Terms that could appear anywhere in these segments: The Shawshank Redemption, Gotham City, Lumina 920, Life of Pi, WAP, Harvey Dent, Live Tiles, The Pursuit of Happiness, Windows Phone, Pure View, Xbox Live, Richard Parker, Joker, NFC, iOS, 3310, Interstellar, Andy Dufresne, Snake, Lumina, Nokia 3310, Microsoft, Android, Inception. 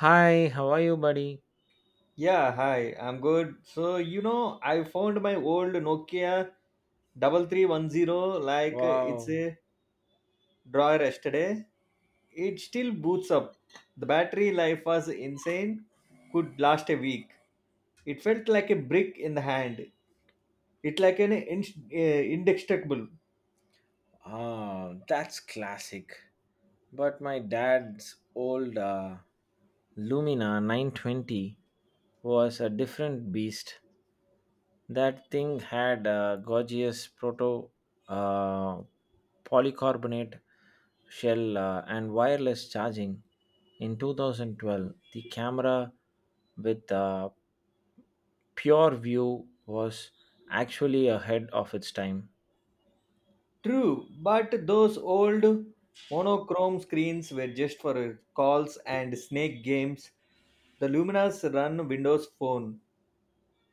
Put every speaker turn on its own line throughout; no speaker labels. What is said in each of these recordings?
Hi, how are you, buddy?
Yeah, hi, I'm good. So, I found my old Nokia 3310 like it's
Wow.
a drawer yesterday. It still boots up. The battery life was insane, could last a week. It felt like a brick in the hand. It like an indestructible.
Ah, that's classic. But my dad's old Lumina 920 was a different beast. That thing had a gorgeous proto uh, polycarbonate shell and wireless charging. In 2012, the camera with pure view was actually ahead of its time.
True, but those old monochrome screens were just for calls and snake games. The Lumina's run Windows Phone,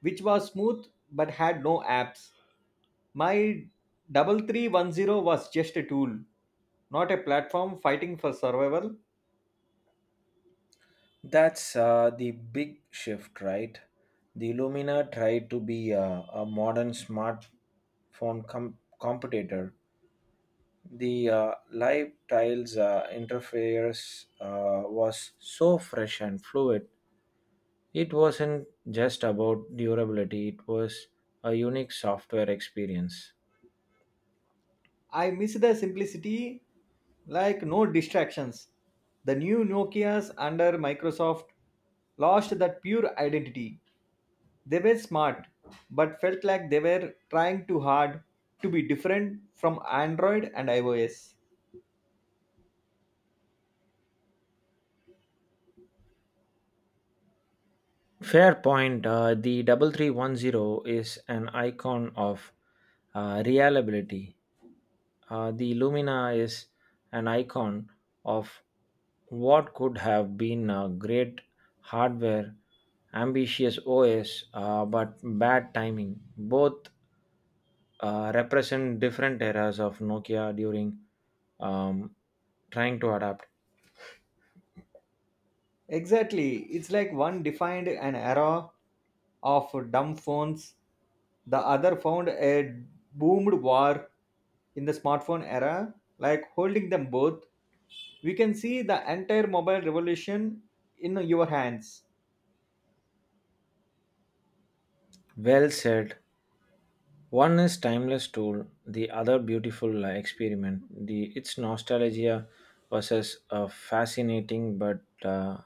which was smooth but had no apps. My 3310 was just a tool, not a platform fighting for survival.
That's the big shift, right? The Lumina tried to be a modern smartphone competitor. The live tiles interface was so fresh and fluid. It wasn't just about durability, it was a unique software experience.
I miss the simplicity, like no distractions. The new Nokias under Microsoft lost that pure identity. They were smart, but felt like they were trying too hard to be different from Android and iOS.
Fair point. The 3310 is an icon of reliability. The Lumina is an icon of what could have been a great hardware, ambitious OS, but bad timing. Both represent different eras of Nokia during um, trying to adapt.
Exactly. It's like one defined an era of dumb phones, the other found a boomed war in the smartphone era. Like holding them both, we can see the entire mobile revolution in your hands.
Well said. One is timeless tool, the other beautiful experiment. The its nostalgia versus a fascinating, but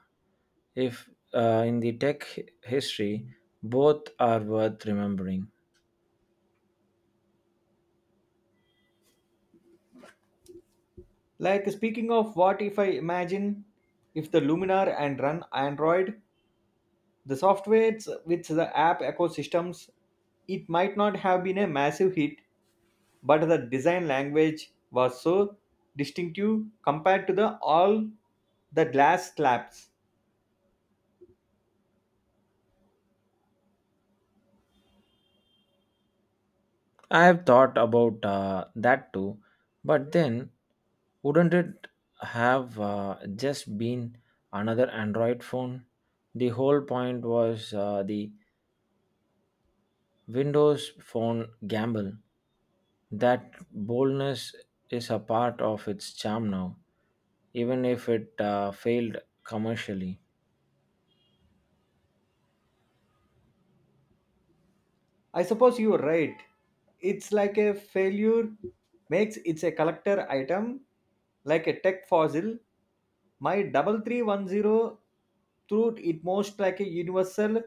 if in the tech history, both are worth remembering.
Like speaking of what if I imagine if the Luminar and run Android, the softwares with the app ecosystems, it might not have been a massive hit, but the design language was so distinctive compared to the all the glass slabs.
I have thought about that too, but then wouldn't it have just been another Android phone? The whole point was the Windows phone gamble. That boldness is a part of its charm now, even if it failed commercially.
I suppose you're right. It's like a failure makes it's a collector item, like a tech fossil. My double three one zero through it most like a universal.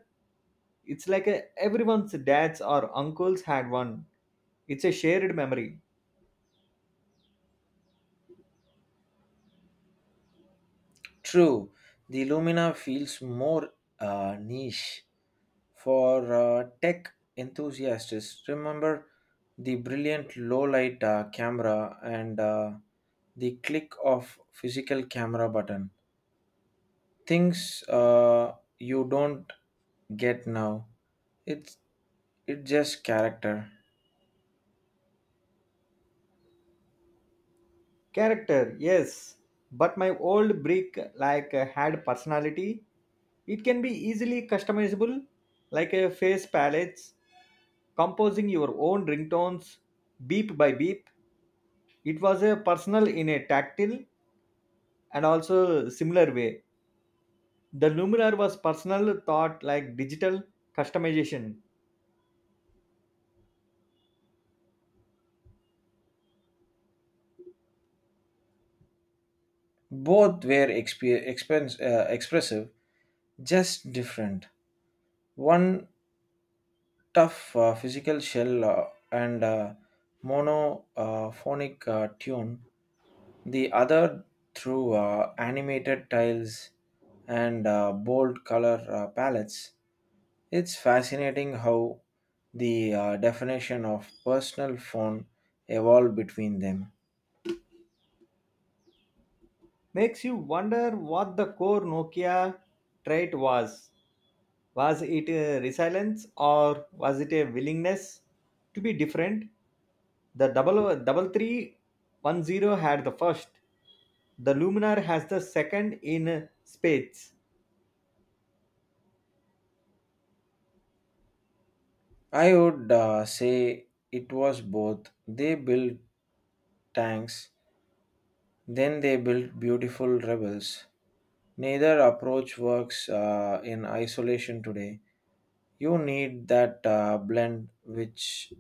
It's like a everyone's dads or uncles had one. It's a shared memory.
True, the Lumina feels more niche for tech enthusiasts. Remember the brilliant low light camera and the click of physical camera button. Things you don't get now. It's it's just character.
Character, yes, but my old brick like had personality. It can be easily customizable, like a face palettes, composing your own ringtones, beep by beep. It was a personal in a tactile and also similar way. The Luminar was personal thought like digital customization.
Both were expressive, just different. One tough physical shell and monophonic tune, the other through animated tiles and bold color palettes. It's fascinating how the definition of personal phone evolved between them.
Makes you wonder what the core Nokia trait was. Was it a resilience or was it a willingness to be different? The double double three one zero had the first. The Luminar has the second in spades.
I would say it was both. They built tanks, then they built beautiful rebels. Neither approach works in isolation today. You need that blend, which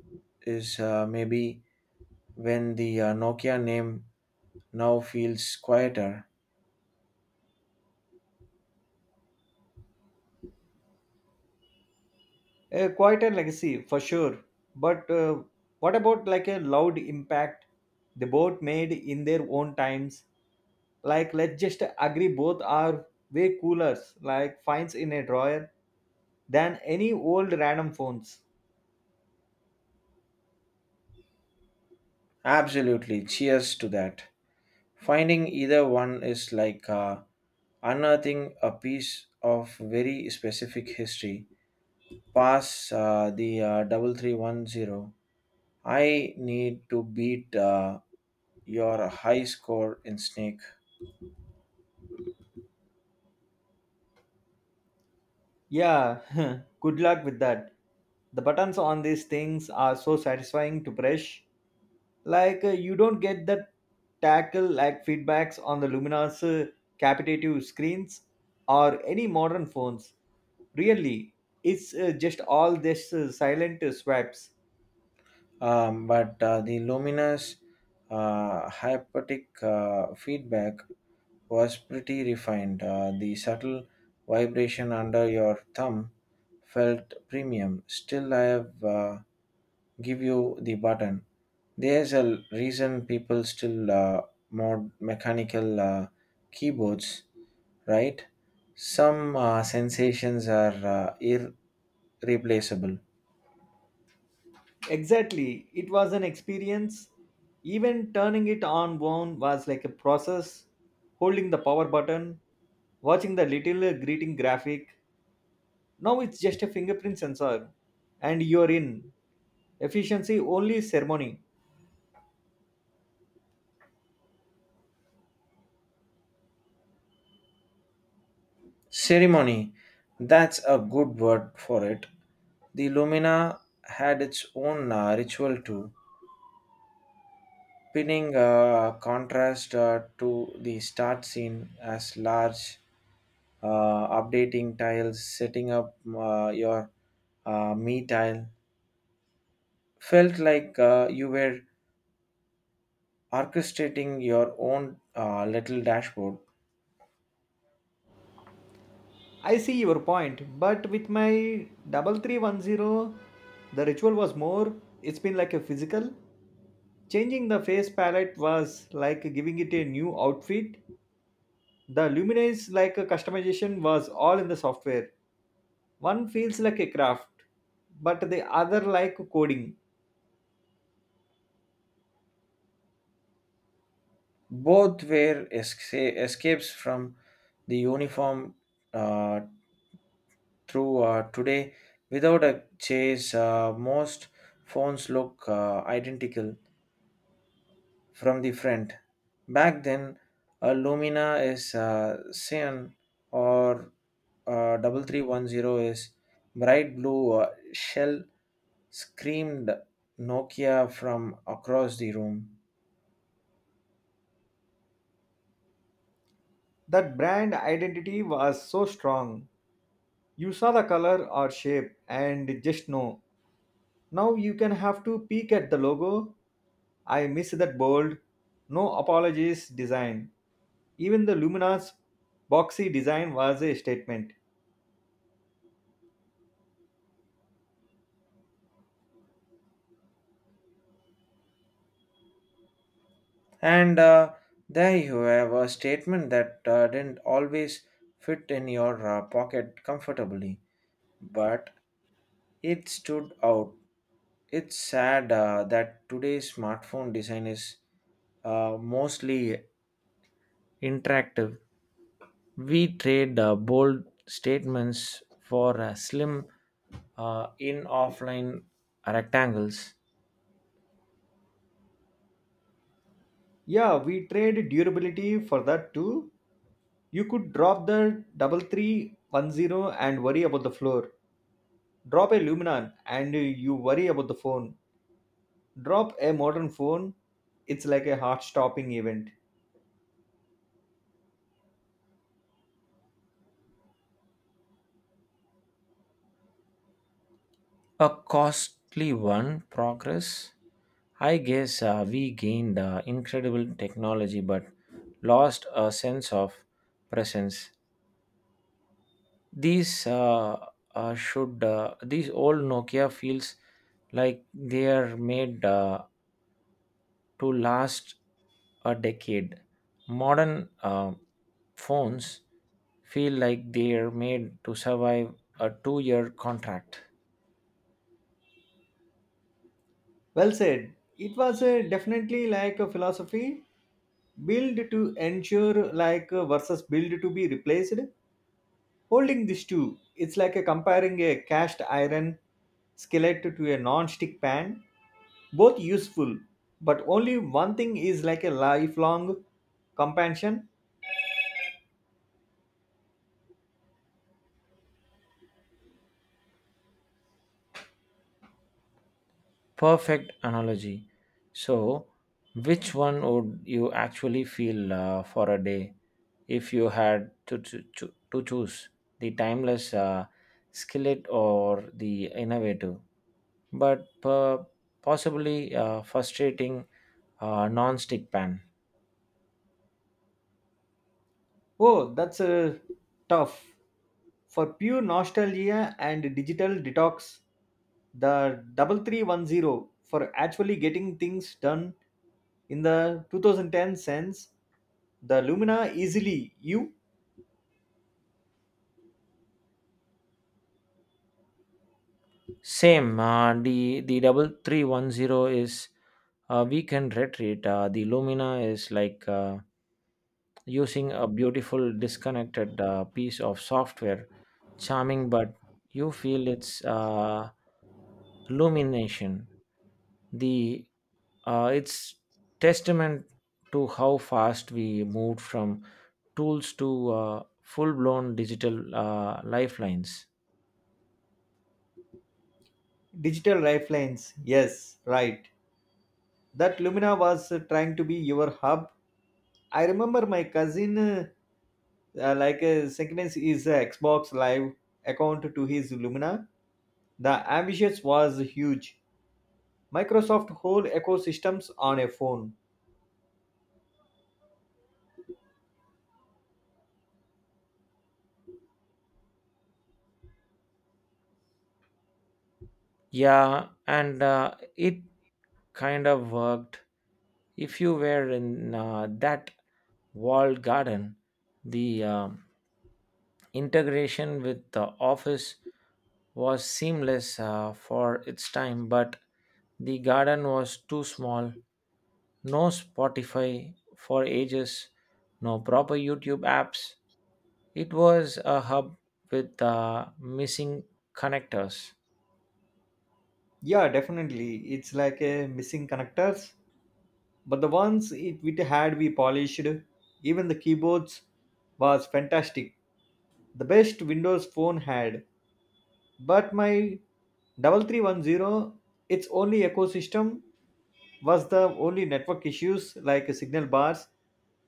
is maybe when the Nokia name now feels quieter.
A quite a legacy for sure. But what about like a loud impact they both made in their own times? Like let's just agree both are way coolers, like finds in a drawer than any old random phones.
Absolutely, cheers to that. Finding either one is like unearthing a piece of very specific history. Pass the 3310. I need to beat your high score in Snake.
Yeah, good luck with that. The buttons on these things are so satisfying to press. Like, you don't get that tackle like feedbacks on the luminous capitative screens or any modern phones. Really, it's just all this silent swipes.
But the luminous hypnotic feedback was pretty refined. The subtle vibration under your thumb felt premium. Still, I have give you the button. There's a reason people still mod mechanical keyboards, right? Some sensations are uh, irreplaceable.
Exactly, it was an experience. Even turning it on one was like a process. Holding the power button, watching the little greeting graphic. Now it's just a fingerprint sensor and you're in. Efficiency only ceremony.
Ceremony, that's a good word for it. The Lumina had its own ritual too, pinning contrast to the start scene as large, uh, updating tiles, setting up your me tile, felt like you were orchestrating your own little dashboard.
I see your point, but with my 3310, the ritual was more, it's been like a physical. Changing the face palette was like giving it a new outfit. The luminance, like a customization, was all in the software. One feels like a craft, but the other like coding.
Both were escapes from the uniform uh, through today without a chase. Most phones look identical, from the front. Back then, a Lumina is cyan or 3310 is bright blue shell, screamed Nokia from across the room.
That brand identity was so strong. You saw the color or shape and just know. Now you can have to peek at the logo. I miss that bold, no apologies design. Even the Lumina's boxy design was a statement.
And there you have a statement that didn't always fit in your pocket comfortably, but it stood out. It's sad that today's smartphone design is mostly interactive. We trade bold statements for slim in offline rectangles.
Yeah, we trade durability for that too. You could drop the double three one zero and worry about the floor. Drop a luminon and you worry about the phone. Drop a modern phone. It's like a heart-stopping event.
A costly one, progress. I guess we gained incredible technology but lost a sense of presence. These uh, these old Nokia feels like they are made to last a decade. Modern phones feel like they are made to survive a 2-year contract.
Well said. It was definitely like a philosophy build to ensure like versus build to be replaced. Holding these two, it's like a comparing a cast iron skillet to a non-stick pan. Both useful, but only one thing is like a lifelong companion.
Perfect analogy. So, which one would you actually feel for a day if you had to choose the timeless skillet or the innovative, but possibly frustrating non stick pan?
Oh, that's tough. For pure nostalgia and digital detox, the 3310; for actually getting things done in the 2010 sense, the Lumina easily you
Same. The 3310 is a weekend retreat. The Lumina is like using a beautiful disconnected piece of software, charming, but you feel its illumination. The it's testament to how fast we moved from tools to full blown digital lifelines.
digital lifelines. Yes, right. That Lumina was trying to be your hub. I remember my cousin, synchronized his Xbox Live account to his Lumina. The ambitions was huge, Microsoft whole ecosystems on a phone.
Yeah, and it kind of worked. If you were in that walled garden, the integration with the office was seamless for its time, but the garden was too small. No Spotify for ages, no proper YouTube apps. It was a hub with missing connectors.
Yeah, definitely. It's like a missing connectors. But the ones it had we polished, even the keyboards was fantastic. The best Windows phone had. But my 3310, its only ecosystem was the only network issues like signal bars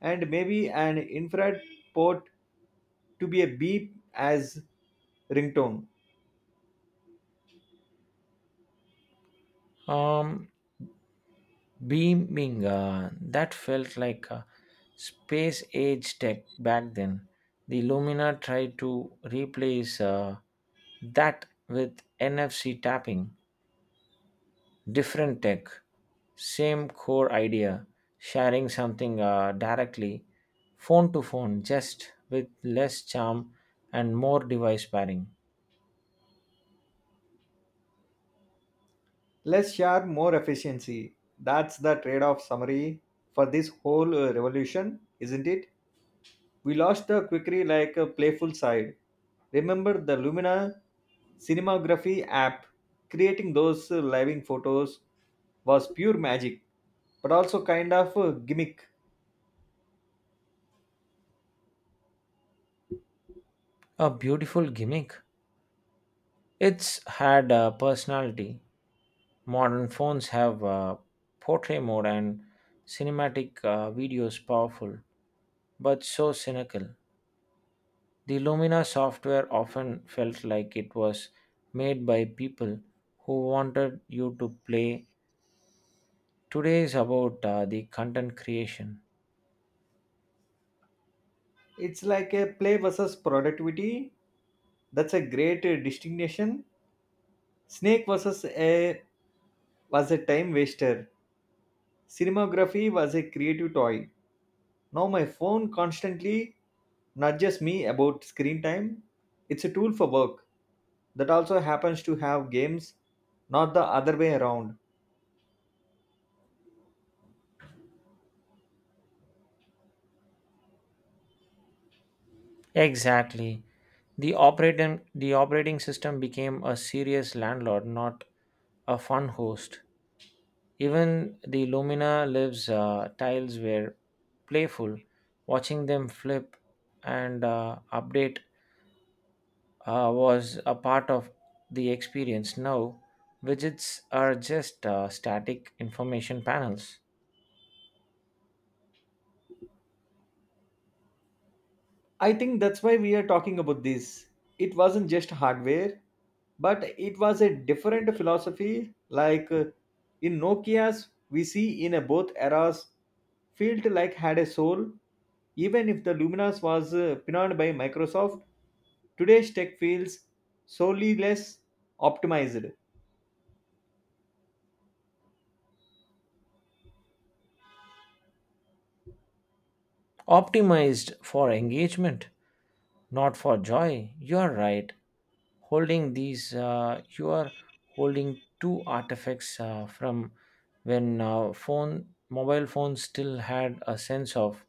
and maybe an infrared port to be a beep as ringtone.
Um, Beaming that felt like a space age tech back then. The lumina tried to replace that with NFC tapping, different tech, same core idea, sharing something directly phone to phone, just with less charm and more device pairing.
Less share, more efficiency. That's the trade off summary for this whole revolution, isn't it? We lost the quickery like a playful side. Remember the Lumina cinematography app? Creating those living photos was pure magic, but also kind of a gimmick.
A beautiful gimmick. It's had a personality. Modern phones have portrait mode and cinematic videos, powerful, but so cynical. The Lumina software often felt like it was made by people who wanted you to play. Today is about the content creation.
It's like a play versus productivity. That's a great distinction. Snake versus a was a time waster. Cinematography was a creative toy. Now my phone constantly nudges me about screen time. It's a tool for work. That also happens to have games, not the other way around.
Exactly. The operating system became a serious landlord, not a fun host. Even the Lumina Lives tiles were playful. Watching them flip and update was a part of the experience. Now, widgets are just static information panels,
I think that's why we are talking about this. It wasn't just hardware, but it was a different philosophy. Like, in Nokia's, we see in both eras, felt like had a soul. Even if the Luminas was pinned by Microsoft, today's tech feels solely less optimized.
optimized for engagement, not for joy. You are right. holding these you are holding two artifacts from when phone mobile phones still had a sense of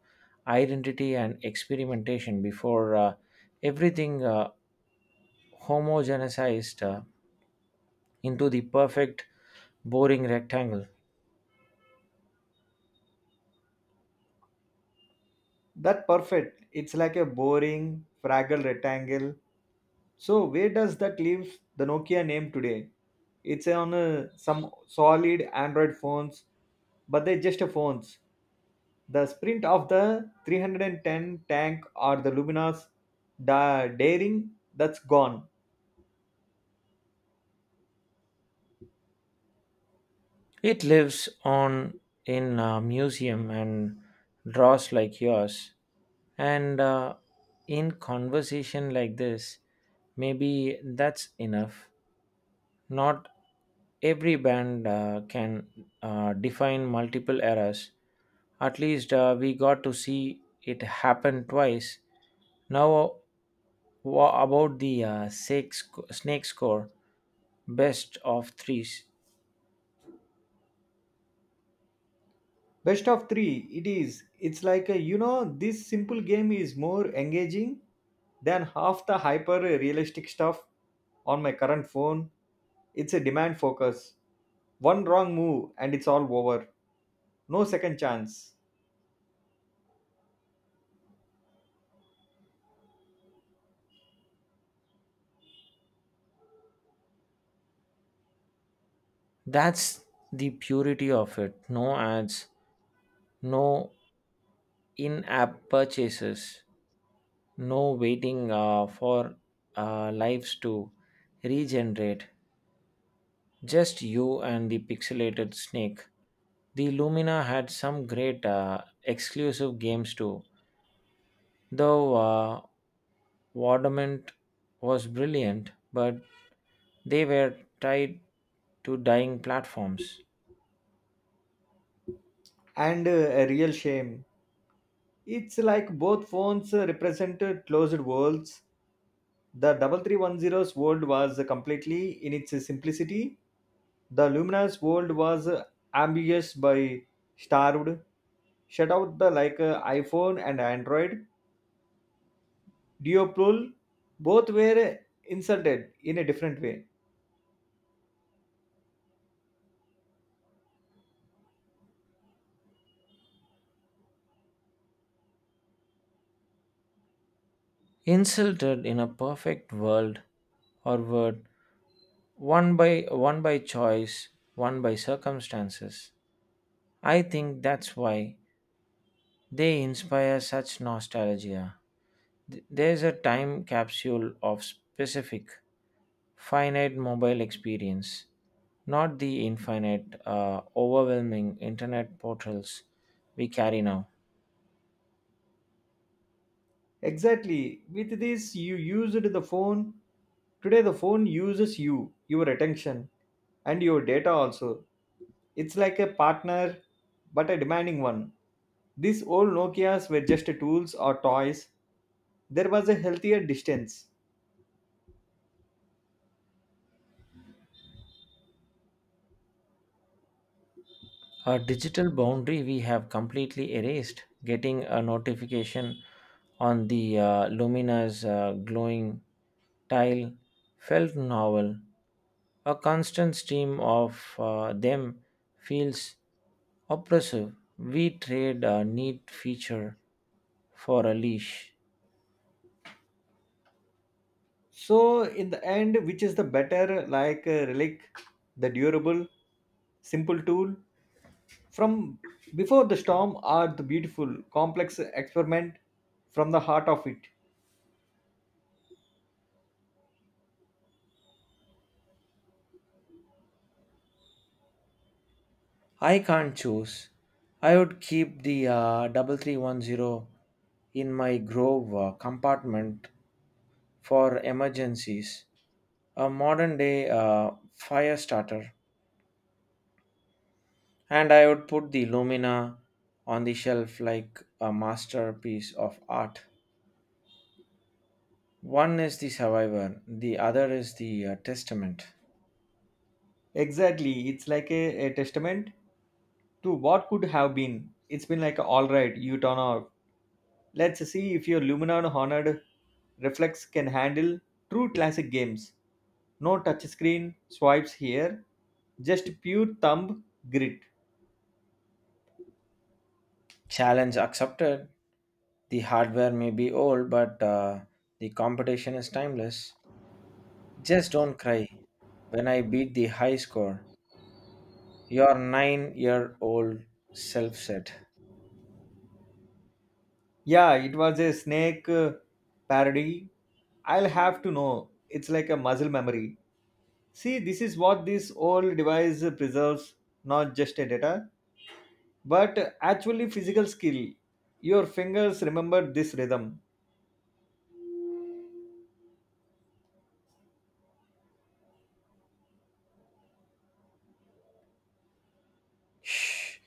identity and experimentation before everything homogenized into the perfect boring rectangle.
That perfect. It's like a boring, fragile rectangle. So where does that leave the Nokia name today? It's on some solid Android phones, but they're just a phones. The sprint of the 310 tank or the Lumina's daring, that's gone.
It lives on in a museum and draws like yours and in conversation like this, maybe that's enough. Not every band can define multiple eras. At least we got to see it happen twice. Now, about the snake, snake score, best of threes.
Best of three, it is. It's like a, you know, this simple game is more engaging than half the hyper realistic stuff on my current phone. It's a demand focus. One wrong move and it's all over. No second chance.
That's the purity of it. No ads, no in app purchases, no waiting for lives to regenerate. Just you and the pixelated snake. The Lumina had some great exclusive games too, though Wardament was brilliant, but they were tied to dying platforms.
And a real shame, it's like both phones represented closed worlds. The double three one zero's world was completely in its simplicity. The Lumina's world was ambiguous by starved, shut out the like iphone and android duopool. Both were insulted in a different way.
Insulted in a perfect world, or word, one by one by choice, one by circumstances. I think that's why they inspire such nostalgia. There's a time capsule of specific finite mobile experience, not the infinite, overwhelming internet portals we carry now.
Exactly. With this, you used the phone. Today, the phone uses you, your attention, and your data also. It's like a partner, but a demanding one. These old Nokias were just tools or toys. There was a healthier distance.
A digital boundary we have completely erased. Getting a notification on the Lumina's glowing tile felt novel. A constant stream of them feels oppressive. We trade a neat feature for a leash.
So, in the end, which is the better, like a relic, the durable, simple tool from before the storm, or the beautiful, complex experiment from the heart of it?
I can't choose. I would keep the 3310 in my Grove compartment for emergencies, a modern day fire starter, and I would put the Lumina on the shelf like a masterpiece of art. One is the survivor, the other is the testament.
Exactly. It's like a testament to what could have been. It's been like, all right, you turn off. Let's see if your Luminon Honored Reflex can handle true classic games. No touchscreen swipes here, just pure thumb grit.
Challenge accepted. The hardware may be old, but the competition is timeless. Just don't cry when I beat the high score. Your 9-year-old self said.
Yeah, it was a snake parody. I'll have to know. It's like a muscle memory. See, this is what this old device preserves, not just a data, but actually physical skill. Your fingers remember this rhythm.
Shh,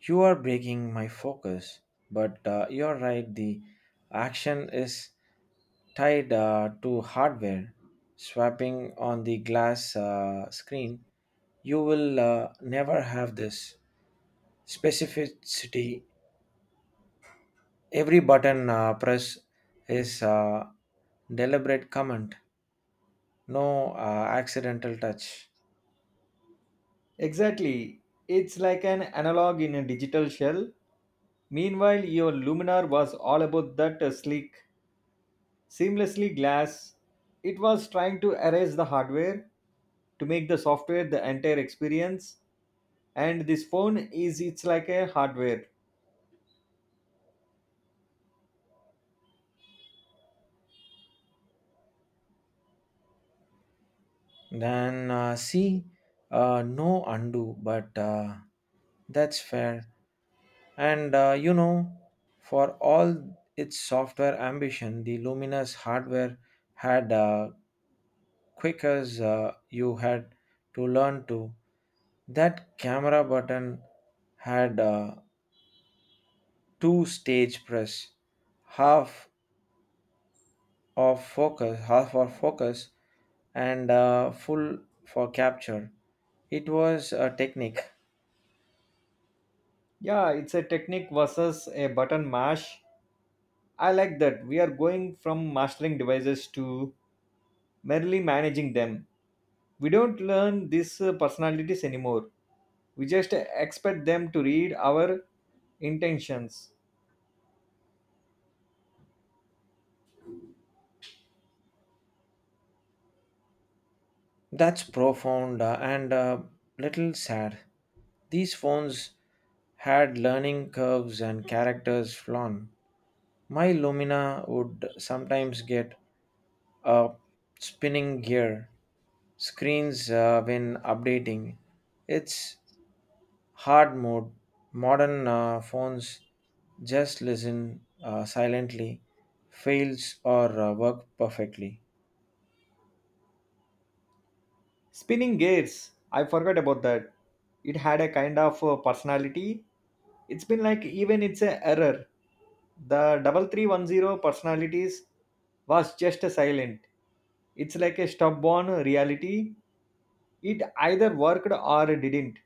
you are breaking my focus. But you're right, the action is tied to hardware. Swapping on the glass screen, you will never have this specificity. Every button press is a deliberate comment, no accidental touch.
Exactly, it's like an analog in a digital shell. Meanwhile your luminar was all about that sleek seamlessly glass. It was trying to erase the hardware to make the software the entire experience, and this phone is it's like a hardware.
Then see, no undo, but that's fair. And for all its software ambition, the Luminous hardware had quick as you had to learn to. That camera button had two stage press, half of focus, half for focus, and full for capture. It was a technique.
Yeah, it's a technique versus a button mash. I like that. We are going from mastering devices to merely managing them. We don't learn these personalities anymore. We just expect them to read our intentions.
That's profound and a little sad. These phones had learning curves and characters flawn. My Lumina would sometimes get a spinning gear screens when updating. It's hard mode. Modern phones just listen silently, fails or work perfectly.
Spinning Gears, I forgot about that. It had a kind of personality. It's been like even it's a error. The 3310 personalities was just a silent. It's like a stubborn reality. It either worked or didn't.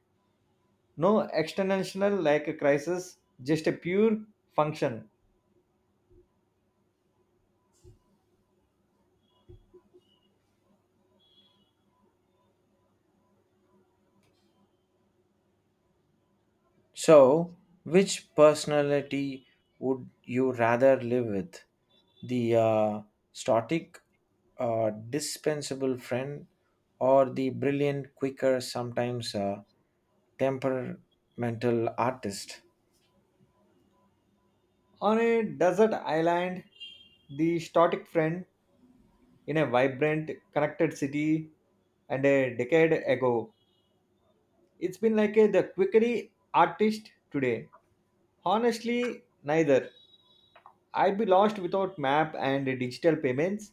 No external like a crisis, just a pure function.
So, which personality would you rather live with? The static, dispensable friend, or the brilliant, quicker, sometimes temperamental artist?
On a desert island, the static friend in a vibrant, connected city. And a decade ago, it's been like a, the quickery artist today. Honestly, neither. I'd be lost without map and digital payments,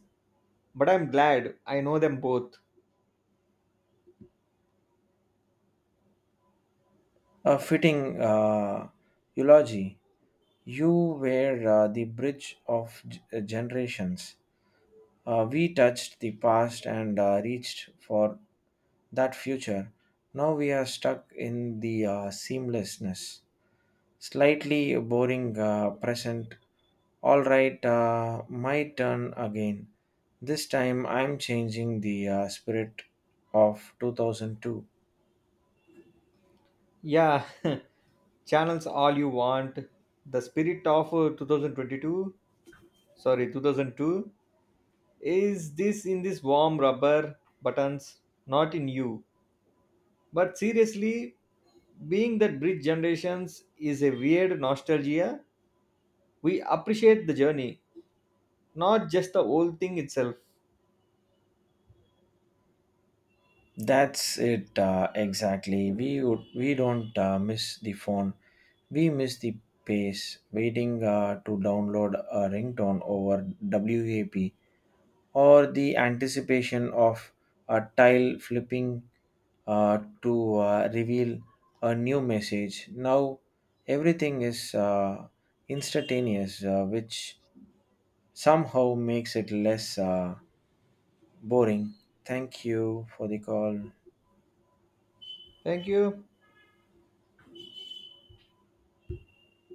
but I'm glad I know them both.
A fitting eulogy. You were the bridge of generations. We touched the past and reached for that future. Now we are stuck in the seamlessness, slightly boring present. All right, my turn again. This time I'm changing the spirit of 2002.
Yeah, channels all you want. The spirit of 2022, sorry, 2002, is this in this warm rubber buttons, not in you. But seriously, being that bridge generations is a weird nostalgia. We appreciate the journey, not just the old thing itself.
That's it exactly. We don't miss the phone. We miss the pace. Waiting to download a ringtone over WAP or the anticipation of a tile flipping to reveal a new message. Now everything is instantaneous, which somehow makes it less boring. Thank you for the call.
Thank you.